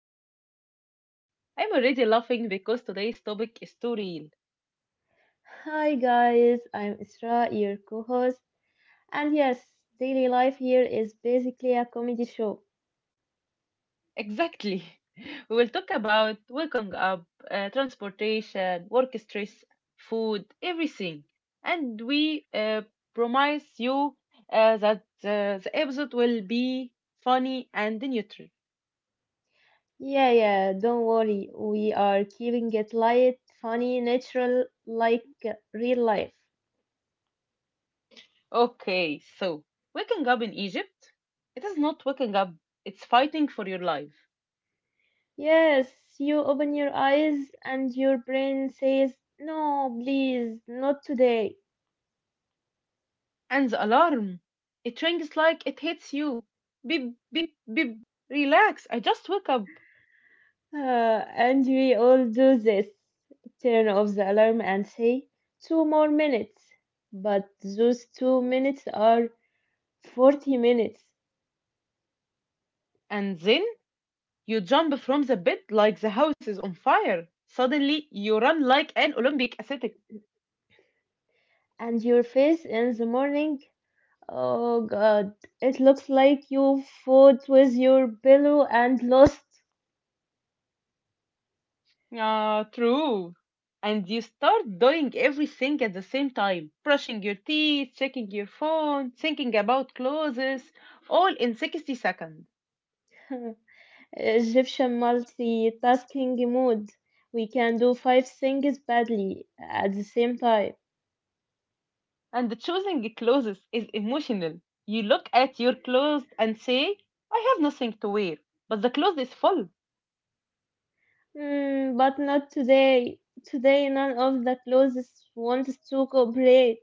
Life Chaos. I'm already laughing because today's topic is too real. Hi guys, I'm Isra, your co-host. And yes, daily life here is basically a comedy show. Exactly. We will talk about waking up, transportation, work stress, food, everything. And we promise you that the episode will be funny and neutral. Yeah, yeah, don't worry. We are keeping it light, funny, natural, like real life. Okay, so waking up in Egypt, it is not waking up, it's fighting for your life. Yes, you open your eyes and your brain says, "No, please, not today." And the alarm! It rings like it hits you. Beep, beep, beep. Relax, I just woke up. And we all do this. Turn off the alarm and say, two more minutes. But those 2 minutes are 40 minutes. And then you jump from the bed like the house is on fire. Suddenly you run like an Olympic athlete. And your face in the morning, oh god, it looks like you fought with your pillow and lost. Ah, True. And you start doing everything at the same time, brushing your teeth, checking your phone, thinking about clothes, all in 60 seconds. Egyptian multitasking mode, we can do five things badly at the same time. And choosing clothes is emotional. You look at your clothes and say, I have nothing to wear. But the clothes is full. Hmm, but not today. Today none of the clothes wants to cooperate.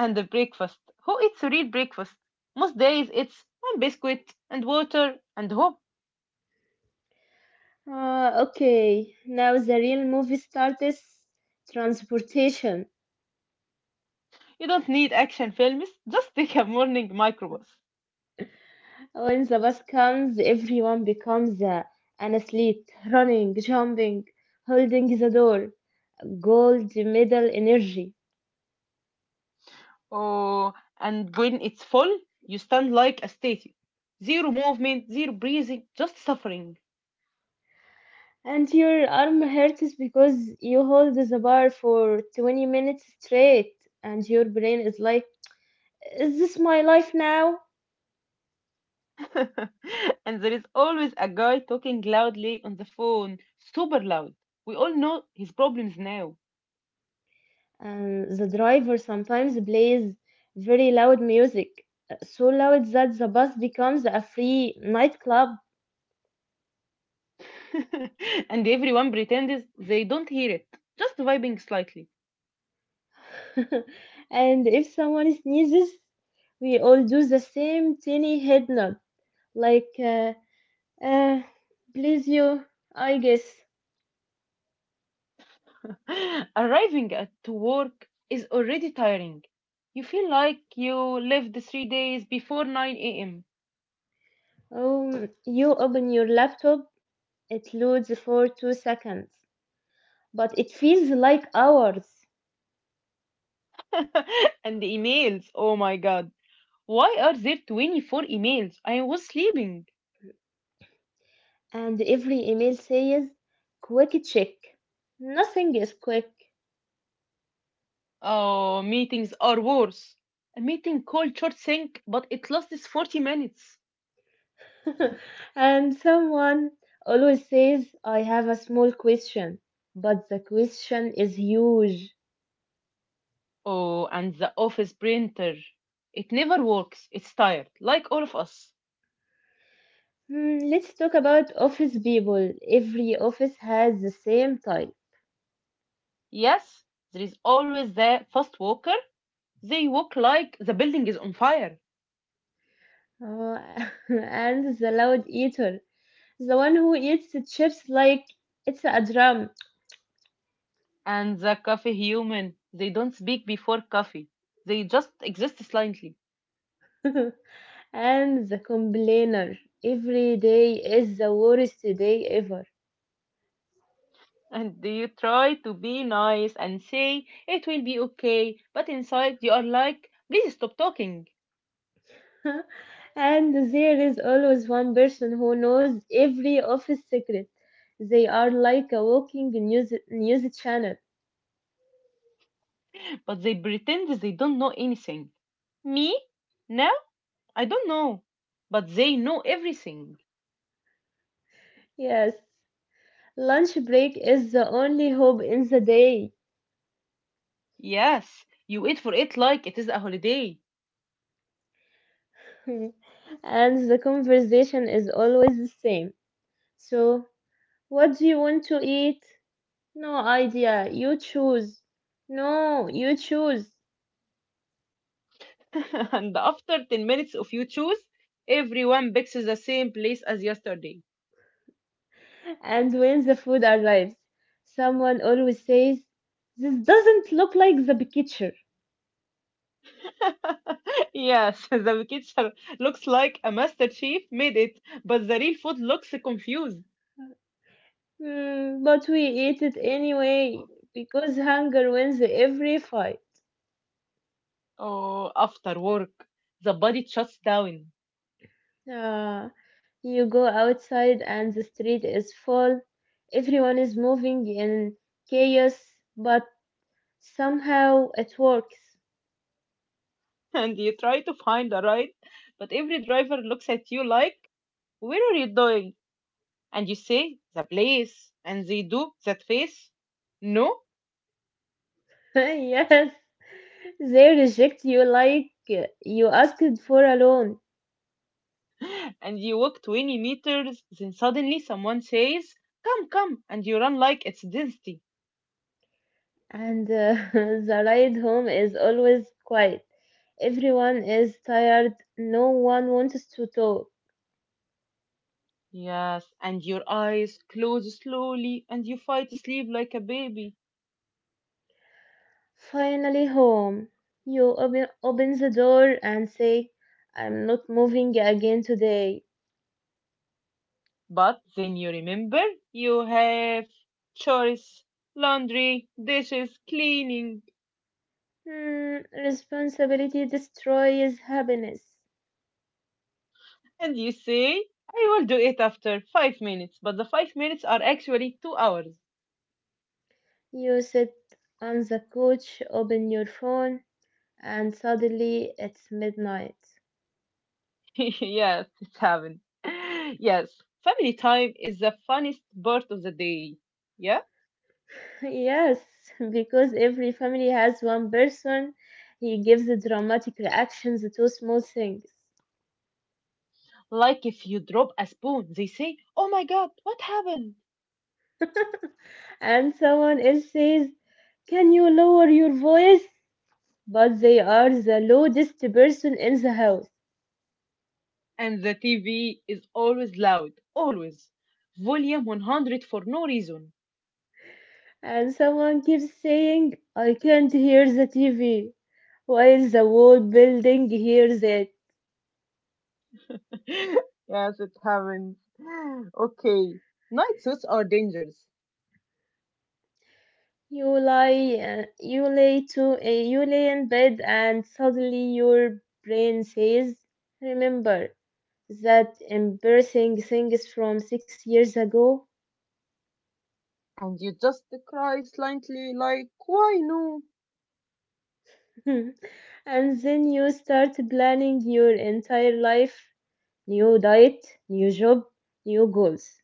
And the breakfast. Who eats real breakfast? Most days it's one biscuit and water and hope. Okay, now the real movie starts. Transportation. You don't need action films, just take a morning microbus. When the bus comes, everyone becomes an athlete, running, jumping, holding the door, gold medal energy. Oh, and when it's full, you stand like a statue. Zero movement, zero breathing, just suffering. And your arm hurts because you hold the bar for 20 minutes straight, and your brain is like, is this my life now? And there is always a guy talking loudly on the phone, super loud. We all know his problems now. And the driver sometimes plays very loud music, so loud that the bus becomes a free nightclub. And everyone pretends they don't hear it, just vibing slightly. And if someone sneezes, we all do the same tiny head nod, like, uh, please you, I guess. Arriving at work is already tiring. You feel like you lived 3 days before 9 a.m. You open your laptop, it loads for 2 seconds, but it feels like hours. And the emails, oh my god. Why are there 24 emails? I was sleeping. And every email says, quick check. Nothing is quick. Oh, meetings are worse. A meeting called Short Sync, but it lasts 40 minutes. And someone always says, I have a small question, but the question is huge. Oh, and the office printer. It never works. It's tired, like all of us. Hmm, let's talk about office people. Every office has the same type. Yes, there is always the fast walker. They walk like the building is on fire. Oh, and the loud eater, the one who eats the chips like it's a drum. And the coffee human. They don't speak before coffee. They just exist silently. And the complainer. Every day is the worst day ever. And you try to be nice and say it will be okay, but inside you are like, please stop talking. And there is always one person who knows every office secret. They are like a walking news channel. But they pretend they don't know anything. Me? No, I don't know. But they know everything. Yes, lunch break is the only hope in the day. Yes, you wait for it like it is a holiday. And the conversation is always the same. So, what do you want to eat? No idea. You choose. No, you choose. And after 10 minutes of you choose, everyone picks the same place as yesterday. And when the food arrives, someone always says, this doesn't look like the picture. Yes, the kitchen looks like a master chef made it, but the real food looks confused. "Hmm, but we eat it anyway because hunger wins every fight. Oh, after work, the body shuts down. Ah, you go outside and the street is full. Everyone is moving in chaos, but somehow it works. And you try to find a ride, but every driver looks at you like, where are you going? And you say, the place. And they do that face. No. Yes, they reject you like you asked for a loan, And you walk 20 meters. Then suddenly someone says, come, come. And you run like it's density. and the ride home is always quiet. Everyone is tired, no one wants to talk. Yes. And your eyes close slowly. And you fight to sleep like a baby. Finally, home. You open the door and say, I'm not moving again today. But then you remember you have chores, laundry, dishes, cleaning. Hmm, responsibility destroys happiness. And you say, I will do it after 5 minutes, but the 5 minutes are actually 2 hours. You sit on the couch, open your phone, and suddenly it's midnight. Yes, it's happened. Yes, family time is the funniest part of the day. Yeah? Yes, because every family has one person. He gives the dramatic reactions to small things, Like if you drop a spoon, they say, oh my god, what happened? and someone else says, can you lower your voice? But they are the loudest person in the house, And the TV is always loud, always. Volume 100 for no reason. and someone keeps saying, I can't hear the TV, while the whole building hears it. Yes, it happens. Okay, night suits are dangerous. You lie, you lay to a you lay in bed, and suddenly your brain says, "Remember that embarrassing things from 6 years ago?" And you just cry slightly, like, why no? And then you start planning your entire life: new diet, new job, new goals.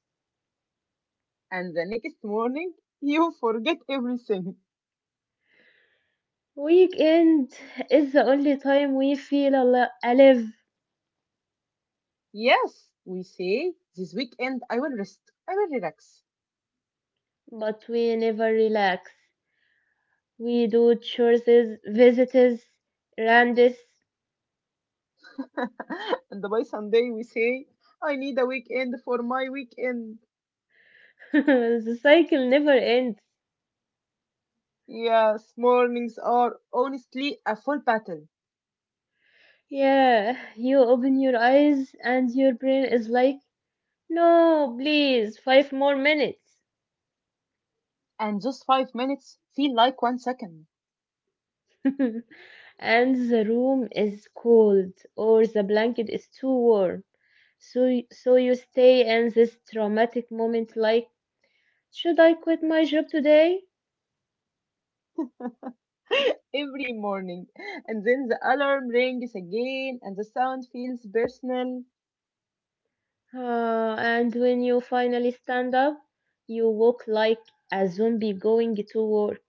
And the next morning, you forget everything. Weekend is the only time we feel alive, Yes, we say, this weekend I will rest, I will relax. but we never relax. We do chores, visits, randos. And by Sunday we say, I need a weekend for my weekend. The cycle never ends. Yes, mornings are honestly a full battle, Yeah, you open your eyes and your brain is like, no, please, five more minutes. and those 5 minutes feel like 1 second. And the room is cold or the blanket is too warm. So you stay in this traumatic moment like, should I quit my job today? Every morning, and then the alarm rings again, and the sound feels personal, And when you finally stand up, you walk like a zombie going to work.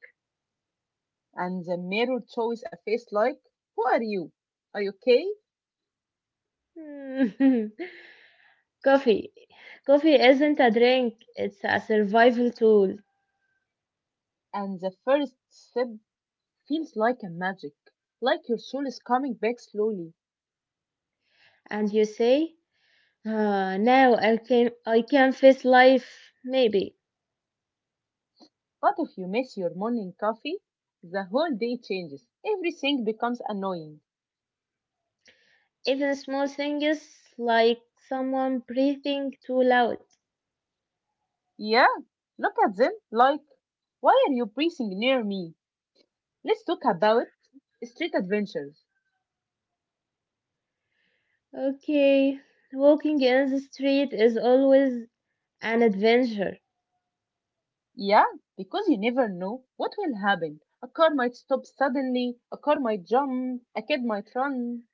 and the mirror shows a face like, who are you? Are you okay? Coffee. Coffee isn't a drink, it's a survival tool. And the first step feels like a magic, like your soul is coming back slowly. And you say, "Ah, now I can face life, maybe. But if you miss your morning coffee, the whole day changes. Everything becomes annoying. Even small things like someone breathing too loud. Yeah, look at them like, why are you breathing near me? Let's talk about street adventures. Okay, walking in the street is always an adventure. Yeah, because you never know what will happen. A car might stop suddenly, a car might jump, a kid might run.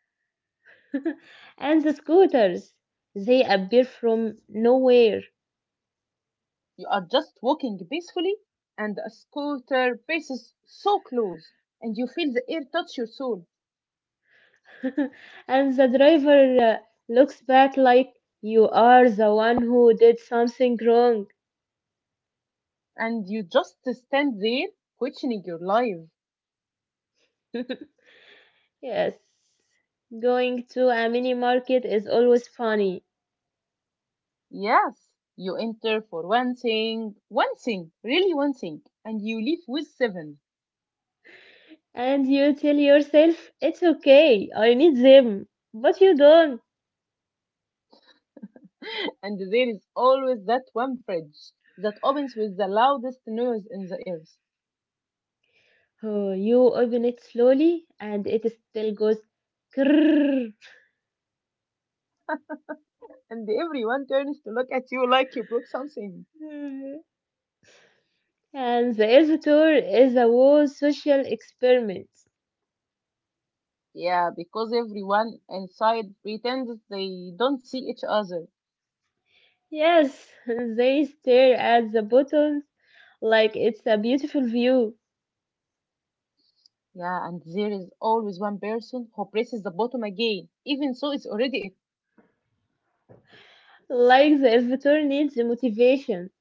And the scooters, they appear from nowhere. You are just walking peacefully, and a scooter passes so close, and you feel the air touch your soul, And the driver looks back like you are the one who did something wrong. and you just stand there questioning your life. Yes. Going to a mini market is always funny. Yes, you enter for one thing, really one thing, and you leave with seven. And you tell yourself, it's okay, I need them. But you don't. And there is always that one fridge that opens with the loudest noise in the earth, Oh, you open it slowly and it still goes krrrr. and everyone turns to look at you like you broke something. Mm. And the elevator is a whole social experiment. Yeah, because everyone inside pretends they don't see each other. Yes, they stare at the button like it's a beautiful view. Yeah, and there is always one person who presses the bottom again, even so it's already it. Like the elevator needs motivation.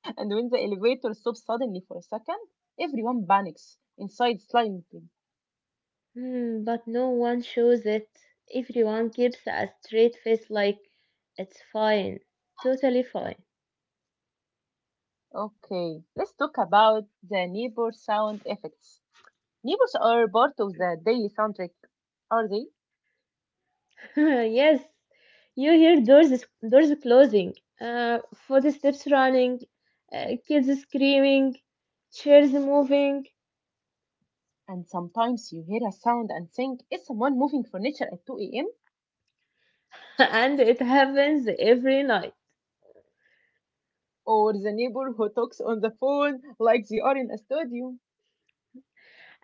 And when the elevator stops suddenly for a second, everyone panics inside slightly. Hmm, but no one shows it. Everyone keeps a straight face like it's fine. Totally fine. Okay, let's talk about the neighbor sound effects. Neighbors are part of the daily soundtrack, are they? Yes. You hear doors closing, uh, footsteps running, kids screaming, chairs moving. And sometimes you hear a sound and think it's someone moving furniture at 2 a.m. And it happens every night. Or the neighbor who talks on the phone like they are in a studio.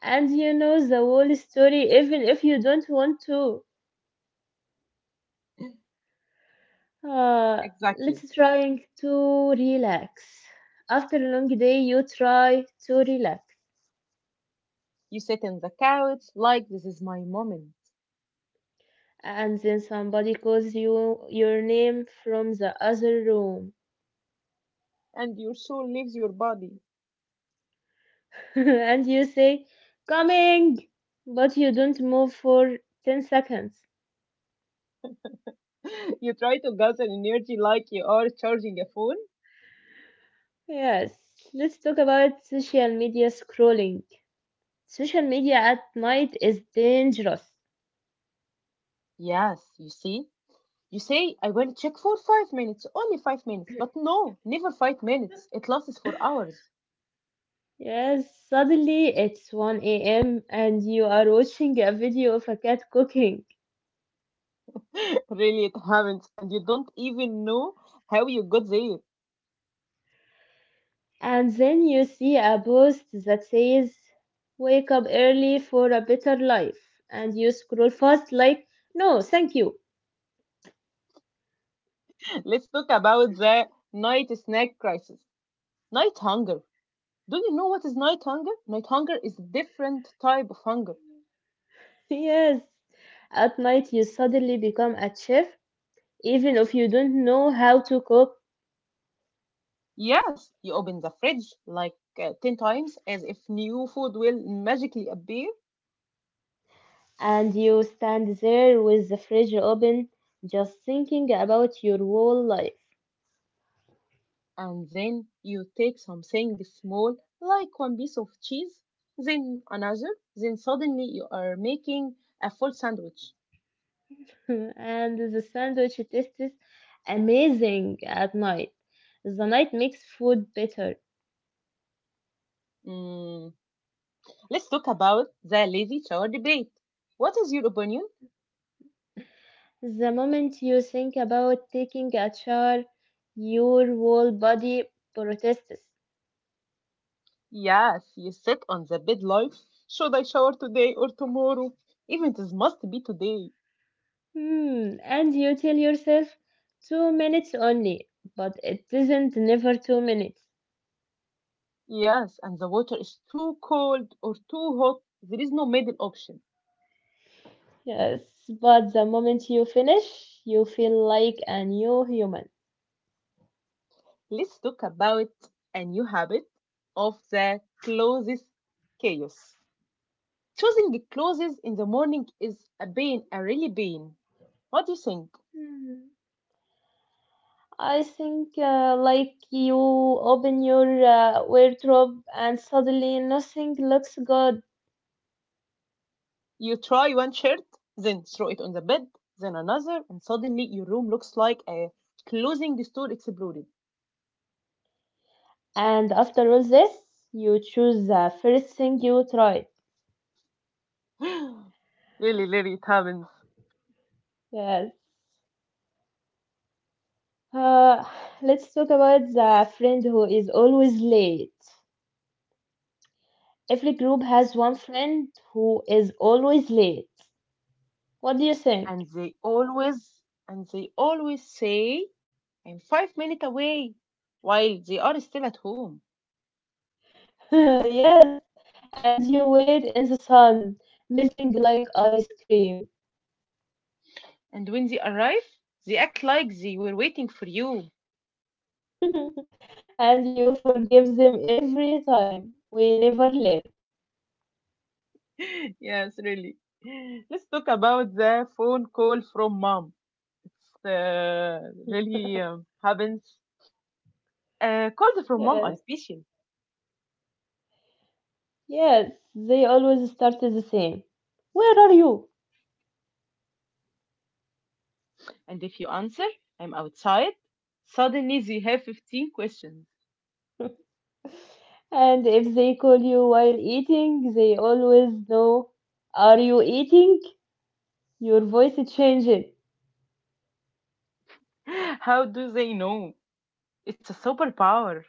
And you know the whole story even if you don't want to. Exactly. Let's trying to relax. After a long day, you try to relax, You sit on the couch like this is my moment, and then somebody calls you your name from the other room. and your soul leaves your body. And you say, "Coming," but you don't move for 10 seconds. You try to gather energy like you are charging a phone. Yes, let's talk about social media scrolling. Social media at night is dangerous. Yes, you see? You say, I will check for 5 minutes, only 5 minutes. But no, never 5 minutes. It lasts for hours. Yes, suddenly it's 1 a.m. and you are watching a video of a cat cooking. Really, it happens, and you don't even know how you got there. And then you see a post that says, wake up early for a better life. And you scroll fast, like, no, thank you. Let's talk about the night snack crisis. Night hunger. Do you know what is night hunger? Night hunger is a different type of hunger. Yes. At night, you suddenly become a chef, even if you don't know how to cook. Yes, you open the fridge like 10 times as if new food will magically appear, And you stand there with the fridge open, just thinking about your whole life. and then you take something small like one piece of cheese, then another, then suddenly you are making a full sandwich. And the sandwich tastes amazing at night. The night makes food better. Mm, let's talk about the lazy shower debate. What is your opinion? The moment you think about taking a shower, your whole body protests. Yes, you sit on the bed like, should I shower today or tomorrow? Even it must be today. Hmm, and you tell yourself 2 minutes only, but it isn't never 2 minutes. Yes, and the water is too cold or too hot. There is no middle option. Yes, but the moment you finish, you feel like a new human. Let's talk about a new habit of the closest chaos. Choosing clothes in the morning is a pain, a really pain. What do you think? Hmm. I think like you open your wardrobe and suddenly nothing looks good. You try one shirt, then throw it on the bed, then another, and suddenly your room looks like a clothing store exploded. And after all this, you choose the first thing you tried. Really, really, it happens. Yes. Uh, let's talk about the friend who is always late. Every group has one friend who is always late. What do you And think? they always, and they always say I'm 5 minutes away, while they are still at home. Yes. And you wait in the sun, melting like ice cream. And when they arrive, they act like they were waiting for you. And you forgive them every time. We never learn. Yes, really. Let's talk about the phone call from mom. It's really happens. Calls from mom Yes. are special. Yes. They always start the same. Where are you? And if you answer, I'm outside, suddenly they have 15 questions. And if they call you while eating, they always know, are you eating? Your voice is changing. How do they know? It's a superpower.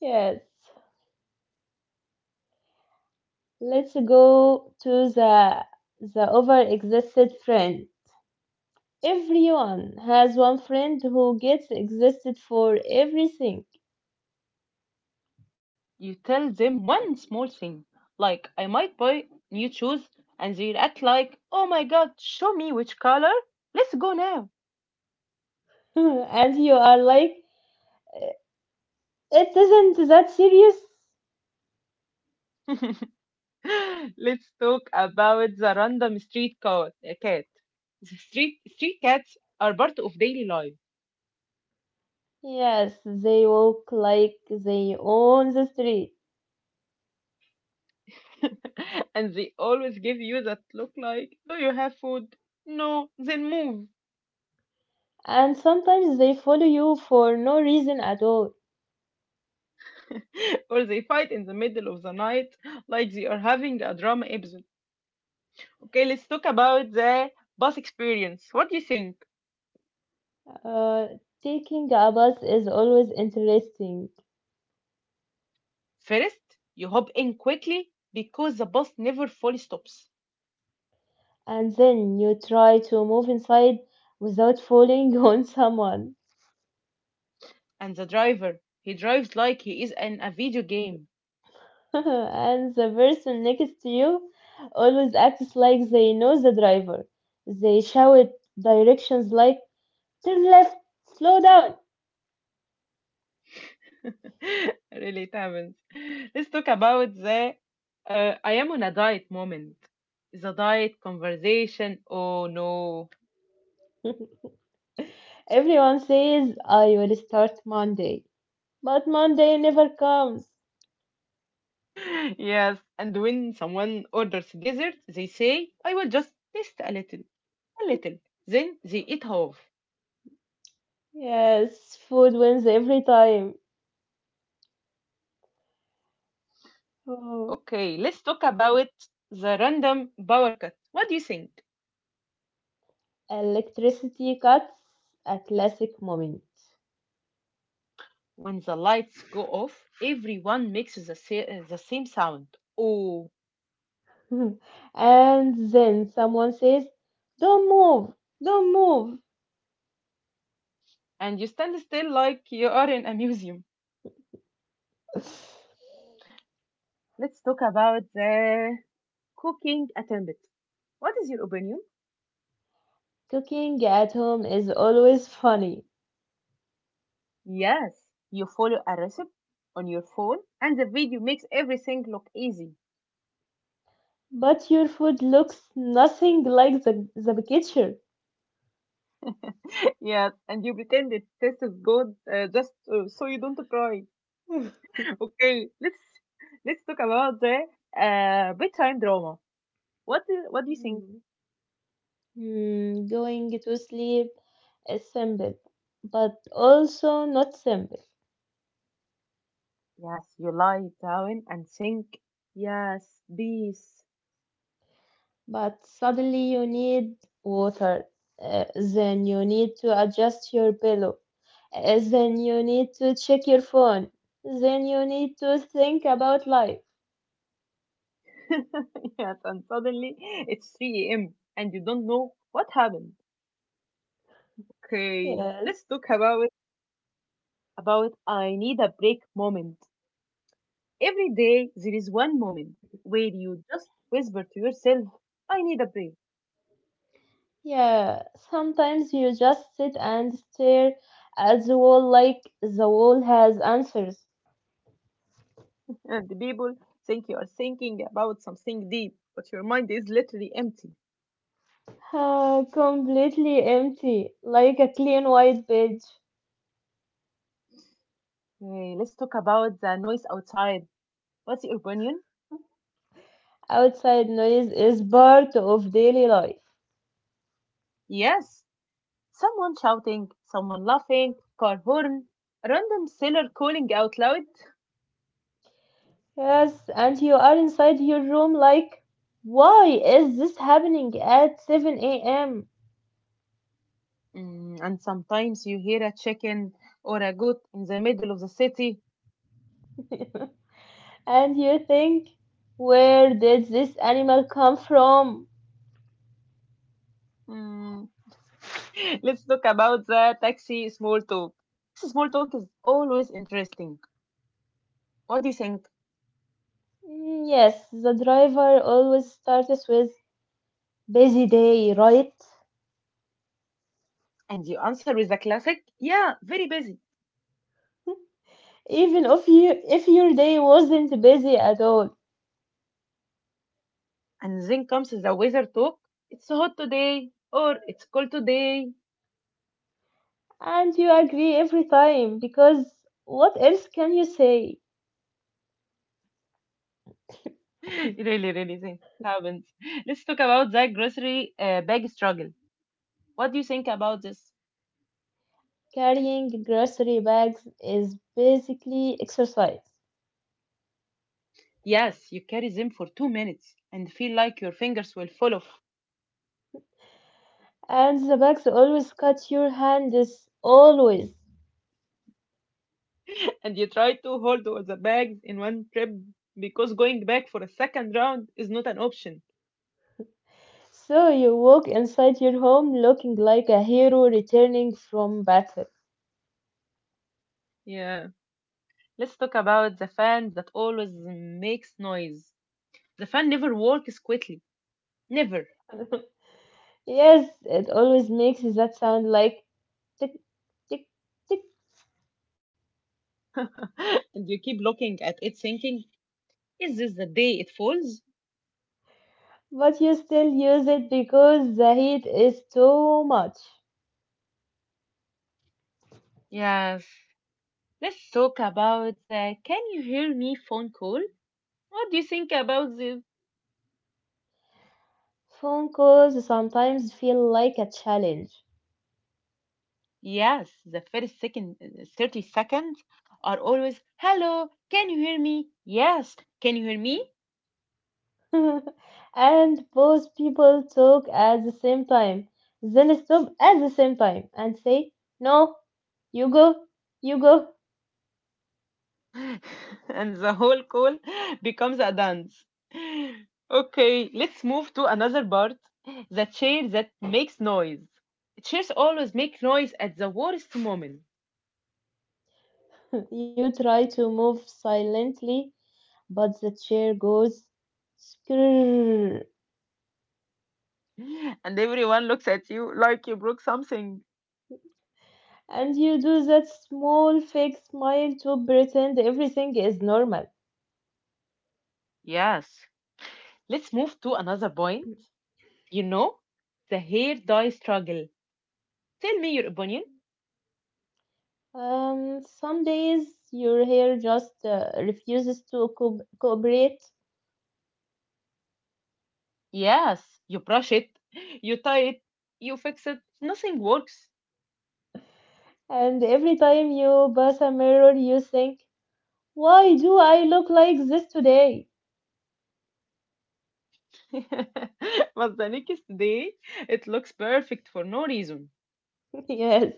Yes. Let's go to the overexisted friend. Everyone has one friend who gets existed for everything. You tell them one small thing, like I might buy new shoes, and they react like, oh my god, show me which color? Let's go now. And you are like, it isn't that serious. Let's talk about the random street cat. The street cats are part of daily life. Yes, they walk like they own the street. And they always give you that look like, do you have food? No, then move. And sometimes they follow you for no reason at all. Or they fight in the middle of the night like they are having a drama episode. Okay, let's talk about the bus experience. What do you think? Uh, Taking a bus is always interesting, First, you hop in quickly because the bus never fully stops. and then you try to move inside without falling on someone. And the driver, he drives like he is in a video game. And the person next to you always acts like they know the driver. They shout directions like "turn left, slow down." Really, it happens. Let's talk about the I am on a diet moment. The diet conversation. Oh no. Everyone says I will start Monday, but Monday never comes. Yes. And when someone orders dessert, they say, I will just taste a little, a little. Then they eat half. Yes, food wins every time. Oh. Okay, let's talk about the random power cut. What do you think? Electricity cuts, a classic moment. When the lights go off, everyone makes the same sound. Oh, And then someone says, don't move, don't move. and you stand still like you are in a museum. Let's talk about the cooking attempt. What is your opinion? Cooking at home is always funny, Yes, you follow a recipe on your phone, and the video makes everything look easy. but your food looks nothing like the picture. Yes, and you pretend it tastes good just so you don't cry. Okay, let's talk about the bedtime drama. What do you think? Hmm. Hmm, going to sleep is simple, but also not simple. Yes, you lie down and think, yes, peace. But suddenly you need water, then you need to adjust your pillow. Then you need to check your phone. Then you need to think about life. Yes, and suddenly it's 3 a.m. and you don't know what happened. Okay, Yes. let's talk about I need a break moment. Every day there is one moment where you just whisper to yourself, I need a break. Yeah. Sometimes you just sit and stare at the wall like the wall has answers. And the people think you are thinking about something deep, but your mind is literally empty. Completely empty, like a clean white page. Okay, let's talk about the noise outside. What's your opinion? Outside noise is part of daily life. Yes, someone shouting, someone laughing, car horn, a random sailor calling out loud. Yes, and you are inside your room like, why is this happening at 7 a.m.? Mm, and sometimes you hear a chicken or a goat in the middle of the city. And you think, where did this animal come from? Mm, let's talk about the taxi small talk. This small talk is always interesting. What do you think? Mm. Yes, the driver always starts with busy day, right? And you answer with a classic, yeah, very busy. Even if you if your day wasn't busy at all, And then comes the weather talk. It's hot today or it's cold today. and you agree every time because what else can you say? Really, really, things happens. Let's talk about the grocery bag struggle. What do you think about this? Carrying grocery bags is basically exercise, Yes, you carry them for 2 minutes and feel like your fingers will fall off. and the bags always cut your hands, always. And you try to hold all the bags in one trip because going back for a second round is not an option. So you walk inside your home looking like a hero returning from battle. Yeah. Let's talk about the fan that always makes noise. The fan never works quickly. Never. Yes, it always makes that sound like tick, tick, tick, And you keep looking at it thinking, is this the day it falls? but you still use it because the heat is too much. Yes. Let's talk about the can you hear me phone call? What do you think about this? Phone calls sometimes feel like a challenge. Yes, the first second, 30 seconds are always, hello, can you hear me? Yes, can you hear me? And both people talk at the same time, then stop at the same time and say, no, you go, you go. And the whole call becomes a dance. Okay, let's move to another part, the chair that makes noise. Chairs always make noise at the worst moment, You try to move silently but the chair goes skrrr, and everyone looks at you like you broke something. and you do that small fake smile to pretend everything is normal. Yes, let's move to another point. You know, the hair dye struggle. Tell me your opinion. Some days your hair just refuses to cooperate, Yes, you brush it, you tie it, you fix it, nothing works. and every time you pass a mirror, you think, "Why do I look like this today?" But the next day, it looks perfect for no reason. Yes.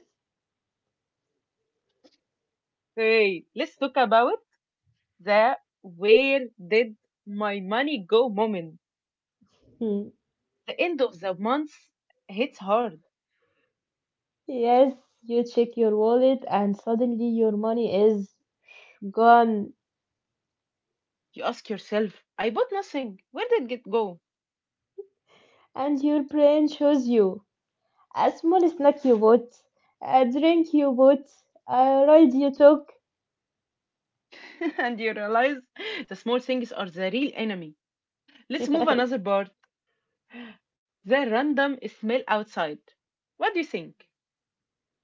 Hey, let's talk about the where did my money go moment. Hmm. The end of the month hits hard. Yes. You check your wallet, and suddenly your money is gone, You ask yourself, I bought nothing. Where did it go? and your brain shows you. أسمر snack you bought, a drink you bought, a ride you took. And you realize the small things are the real enemy. Let's move another part. The random smell outside. What do you think?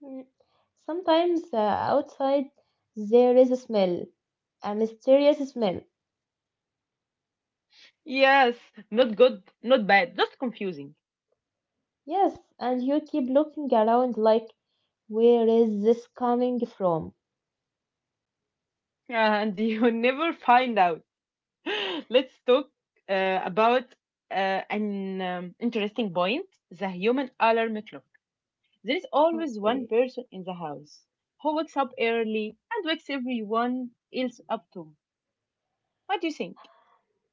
Yes. Mm. Sometimes outside there is a smell, a mysterious smell. Yes, not good, not bad, just confusing. Yes, and you keep looking around like, where is this coming from? And you never find out. Let's talk uh, about uh, an um, interesting point, the human alarm clock. There is always one Okay. person in the house who wakes up early and wakes everyone else up too. What do you think?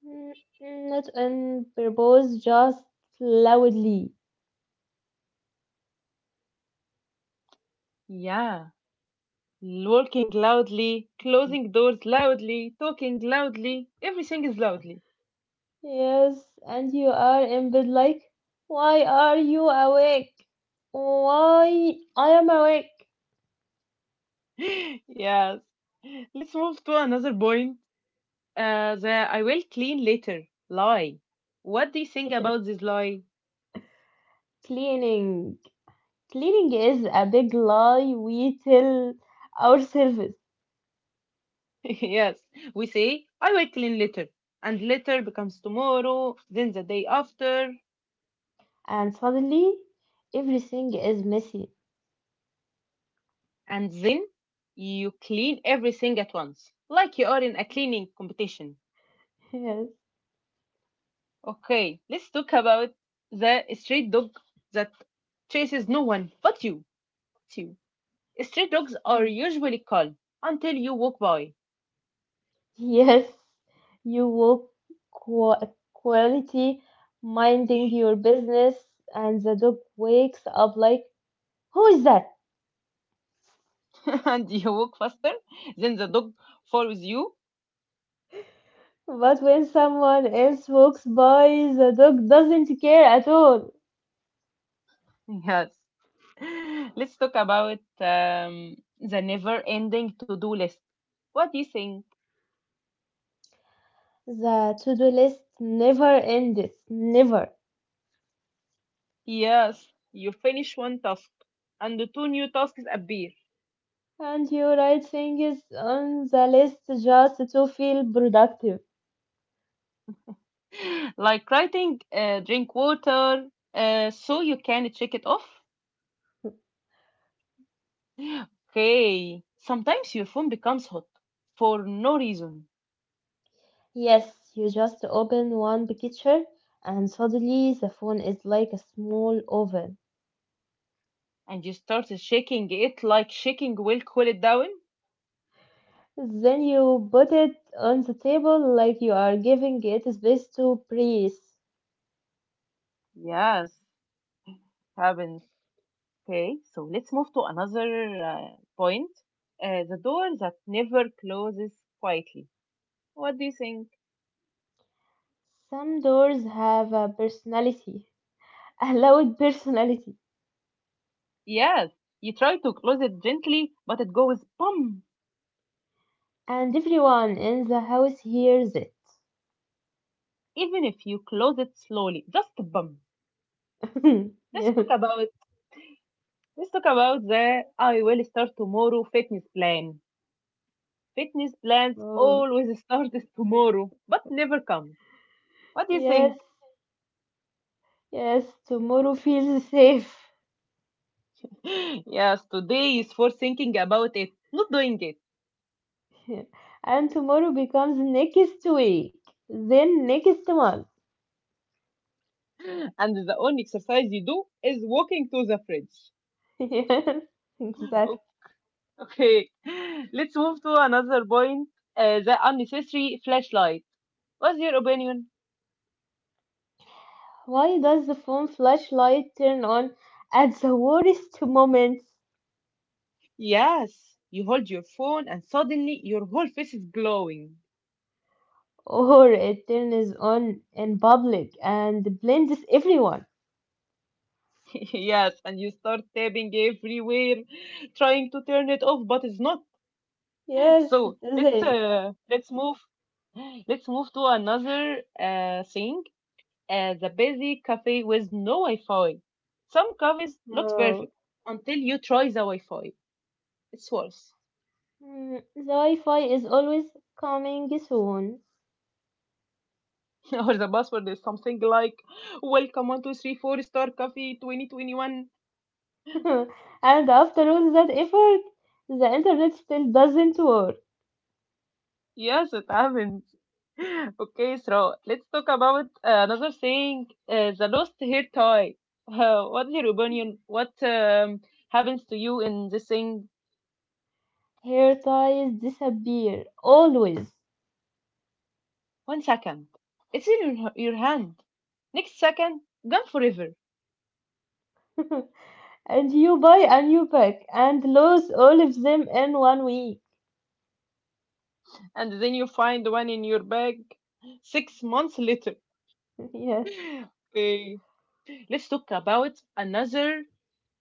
Mm, not on purpose, just loudly. Yeah, walking loudly, closing doors loudly, talking loudly, everything is loudly. Yes, and you are in bed like, why are you awake? Why I am awake? Yes. Let's move to another point. The I will clean later lie. What do you think about this lie? Cleaning. Cleaning is a big lie we tell ourselves, Yes, we say I will clean later, and later becomes tomorrow, then the day after, and suddenly everything is messy. and then you clean everything at once, like you are in a cleaning competition. Yes. Okay, let's talk about the stray dog that chases no one but you. But you. Stray dogs are Mm. usually calm until you walk by, Yes, you will qu- quality minding your business, and the dog wakes up like, who is that? and you walk faster, then the dog follows you. But when someone else walks by, the dog doesn't care at all. Yes. Let's talk about the never ending to do list. What do you think? The to do list never ends, never. Yes, you finish one task and the two new tasks appear, And your right thing is on the list just to feel productive. like writing, drink water, so you can check it off. Okay. Sometimes your phone becomes hot for no reason Yes, you just open one picture and suddenly the phone is like a small oven. and you start shaking it like shaking will cool it down. Then you put it on the table like you are giving it space to breathe. Yes, happens. Okay, so let's move to another point. The door that never closes quietly. What do you think? Some doors have a personality, a loud personality, Yes, you try to close it gently, but it goes bum. and everyone in the house hears it. Even if you close it slowly, just bum. Let's Yeah. talk about let's talk about the I will start tomorrow fitness plan. Fitness plans Oh. always start as tomorrow, but never come. What do you Yes, think? yes, tomorrow feels safe. Yes, today is for thinking about it, not doing it. And tomorrow becomes next week, then next month. And the only exercise you do is walking to the fridge. Yes, exactly. Okay, let's move to another point, the unnecessary flashlight. What's your opinion? Why does the phone flashlight turn on at the worst moments? Yes, you hold your phone and suddenly your whole face is glowing. Or it turns on in public and blinds everyone. Yes, and you start tapping everywhere, trying to turn it off, but it's not. Yes, So it doesn't. Let's move to another thing as a busy cafe with no Wi-Fi. Some cafes looks No. perfect until you try the Wi-Fi. It's worse. Mm, the Wi-Fi is always coming soon. Or the password is something like "Welcome 1 2 3 4 star cafe 2021." And after all that effort, the internet still doesn't work. Yes, it happens. Okay, so let's talk about another thing: the lost hair tie. What's your opinion? What happens to you in this thing? Hair ties disappear, always. 1 second, it's in your hand. Next second, gone forever. And you buy a new pack and lose all of them in one week. And then you find one in your bag 6 months later. Yes. Okay, let's talk about another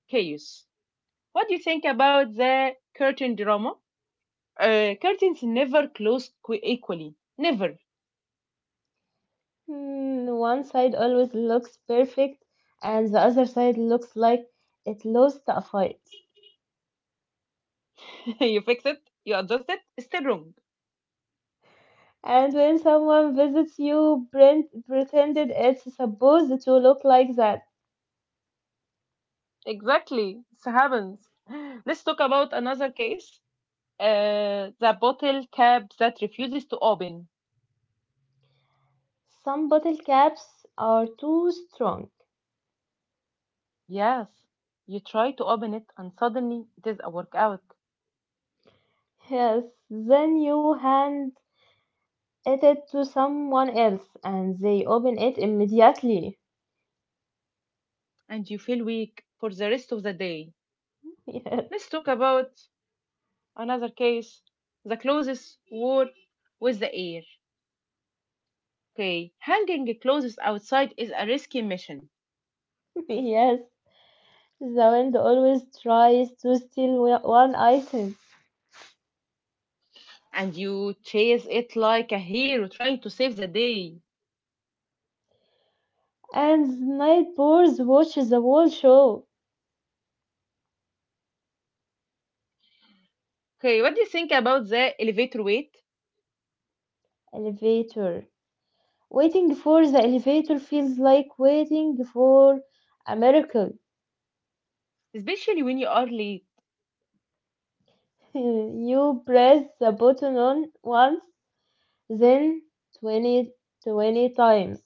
case. What do you think about the curtain drama? Curtains never close equally. Never. Mm, one side always looks perfect, and the other side looks like it lost a fight. You fix it, you adjust it, it's still wrong. And when someone visits you, Brent pretended it's supposed to look like that. Exactly, it happens. Let's talk about another case. The bottle cap that refuses to open. Some bottle caps are too strong. Yes, you try to open it and suddenly it is a workout. Yes, then you hand it to someone else and they open it immediately. And you feel weak for the rest of the day. Yes, Let's talk about another case, the clothes war with the air. Okay, hanging clothes outside is a risky mission, yes. The wind always tries to steal one item. and you chase it like a hero trying to save the day. And night birds watch the whole show. Okay, what do you think about the elevator wait? Elevator. Waiting for the elevator feels like waiting for a miracle. Especially when you are late, You press the button on once, then 20, 20 times.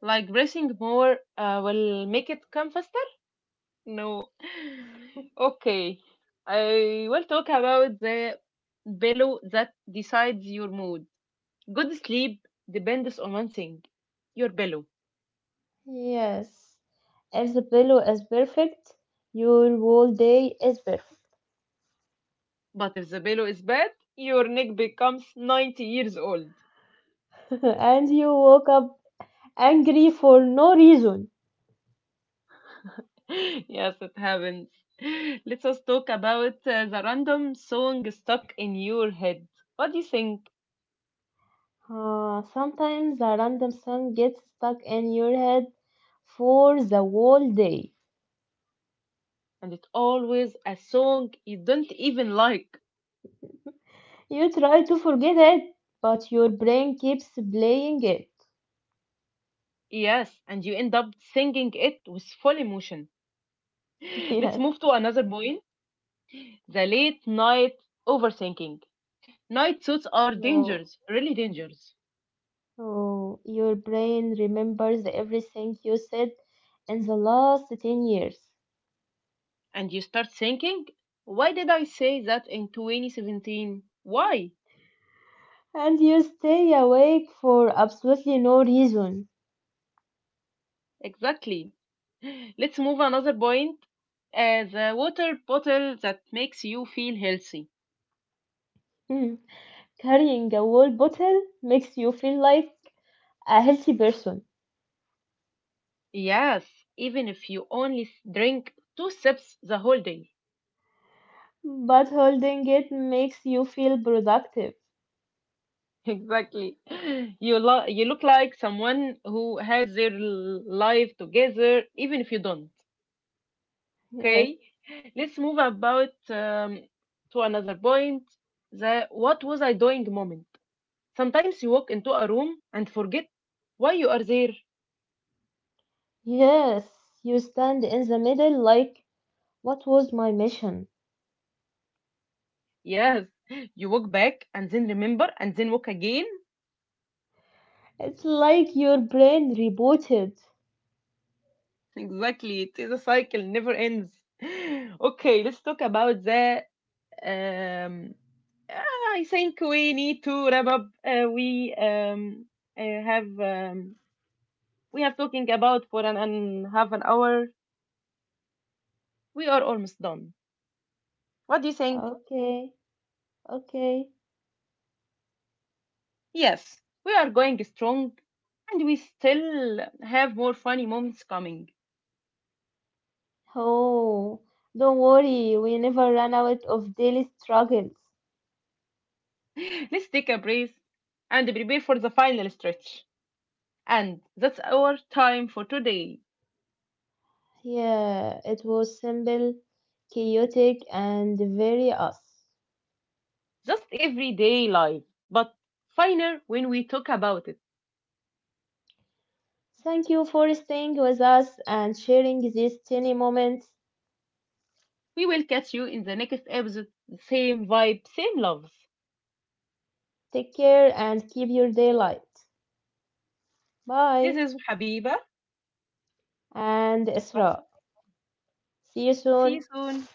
like pressing more will make it come faster? No. Okay, I will talk about the pillow that decides your mood. Good sleep depends on one thing, your pillow. Yes. If the pillow is perfect, your whole day is perfect. But if the pillow is bad, your neck becomes 90 years old. And you woke up angry for no reason. Yes, it happens. Let us talk about the random song stuck in your head. What do you think? Sometimes a random song gets stuck in your head for the whole day. And it's always a song you don't even like. You try to forget it, but your brain keeps playing it. Yes, and you end up singing it with full emotion. Let's Yes. move to another point, the late night overthinking. Night suits are So, dangerous, really dangerous. so your brain remembers everything you said in the last 10 years. And you start thinking, why did I say that in 2017? Why? And you stay awake for absolutely no reason. Exactly. Let's move another point. The water bottle that makes you feel healthy. Hmm. Carrying a whole bottle makes you feel like a healthy person, Yes, even if you only drink two sips the whole day. but holding it makes you feel productive. Exactly. You you look like someone who has their life together, even if you don't. Yes, Okay. Let's move about to another point. The what was I doing moment. Sometimes you walk into a room and forget why you are there. yes, you stand in the middle like, what was my mission? Yes, you walk back and then remember and then walk again. It's like your brain rebooted. Exactly, it is a cycle, never ends. Okay, let's talk about the. Um, I think we need to wrap up. Uh, have um, we have talking about for an and half an hour. We are almost done. What do you think? Okay, okay. Yes, we are going strong, and we still have more funny moments coming. Oh, don't worry, we never run out of daily struggles. Let's take a breath and prepare for the final stretch. And that's our time for today. Yeah, it was simple, chaotic, and very us. Just everyday life, but finer when we talk about it. Thank you for staying with us and sharing these tiny moments. We will catch you in the next episode. Same vibe, same loves. Take care and keep your day light. This Bye, is Habiba. and Isra. See you See you soon. soon.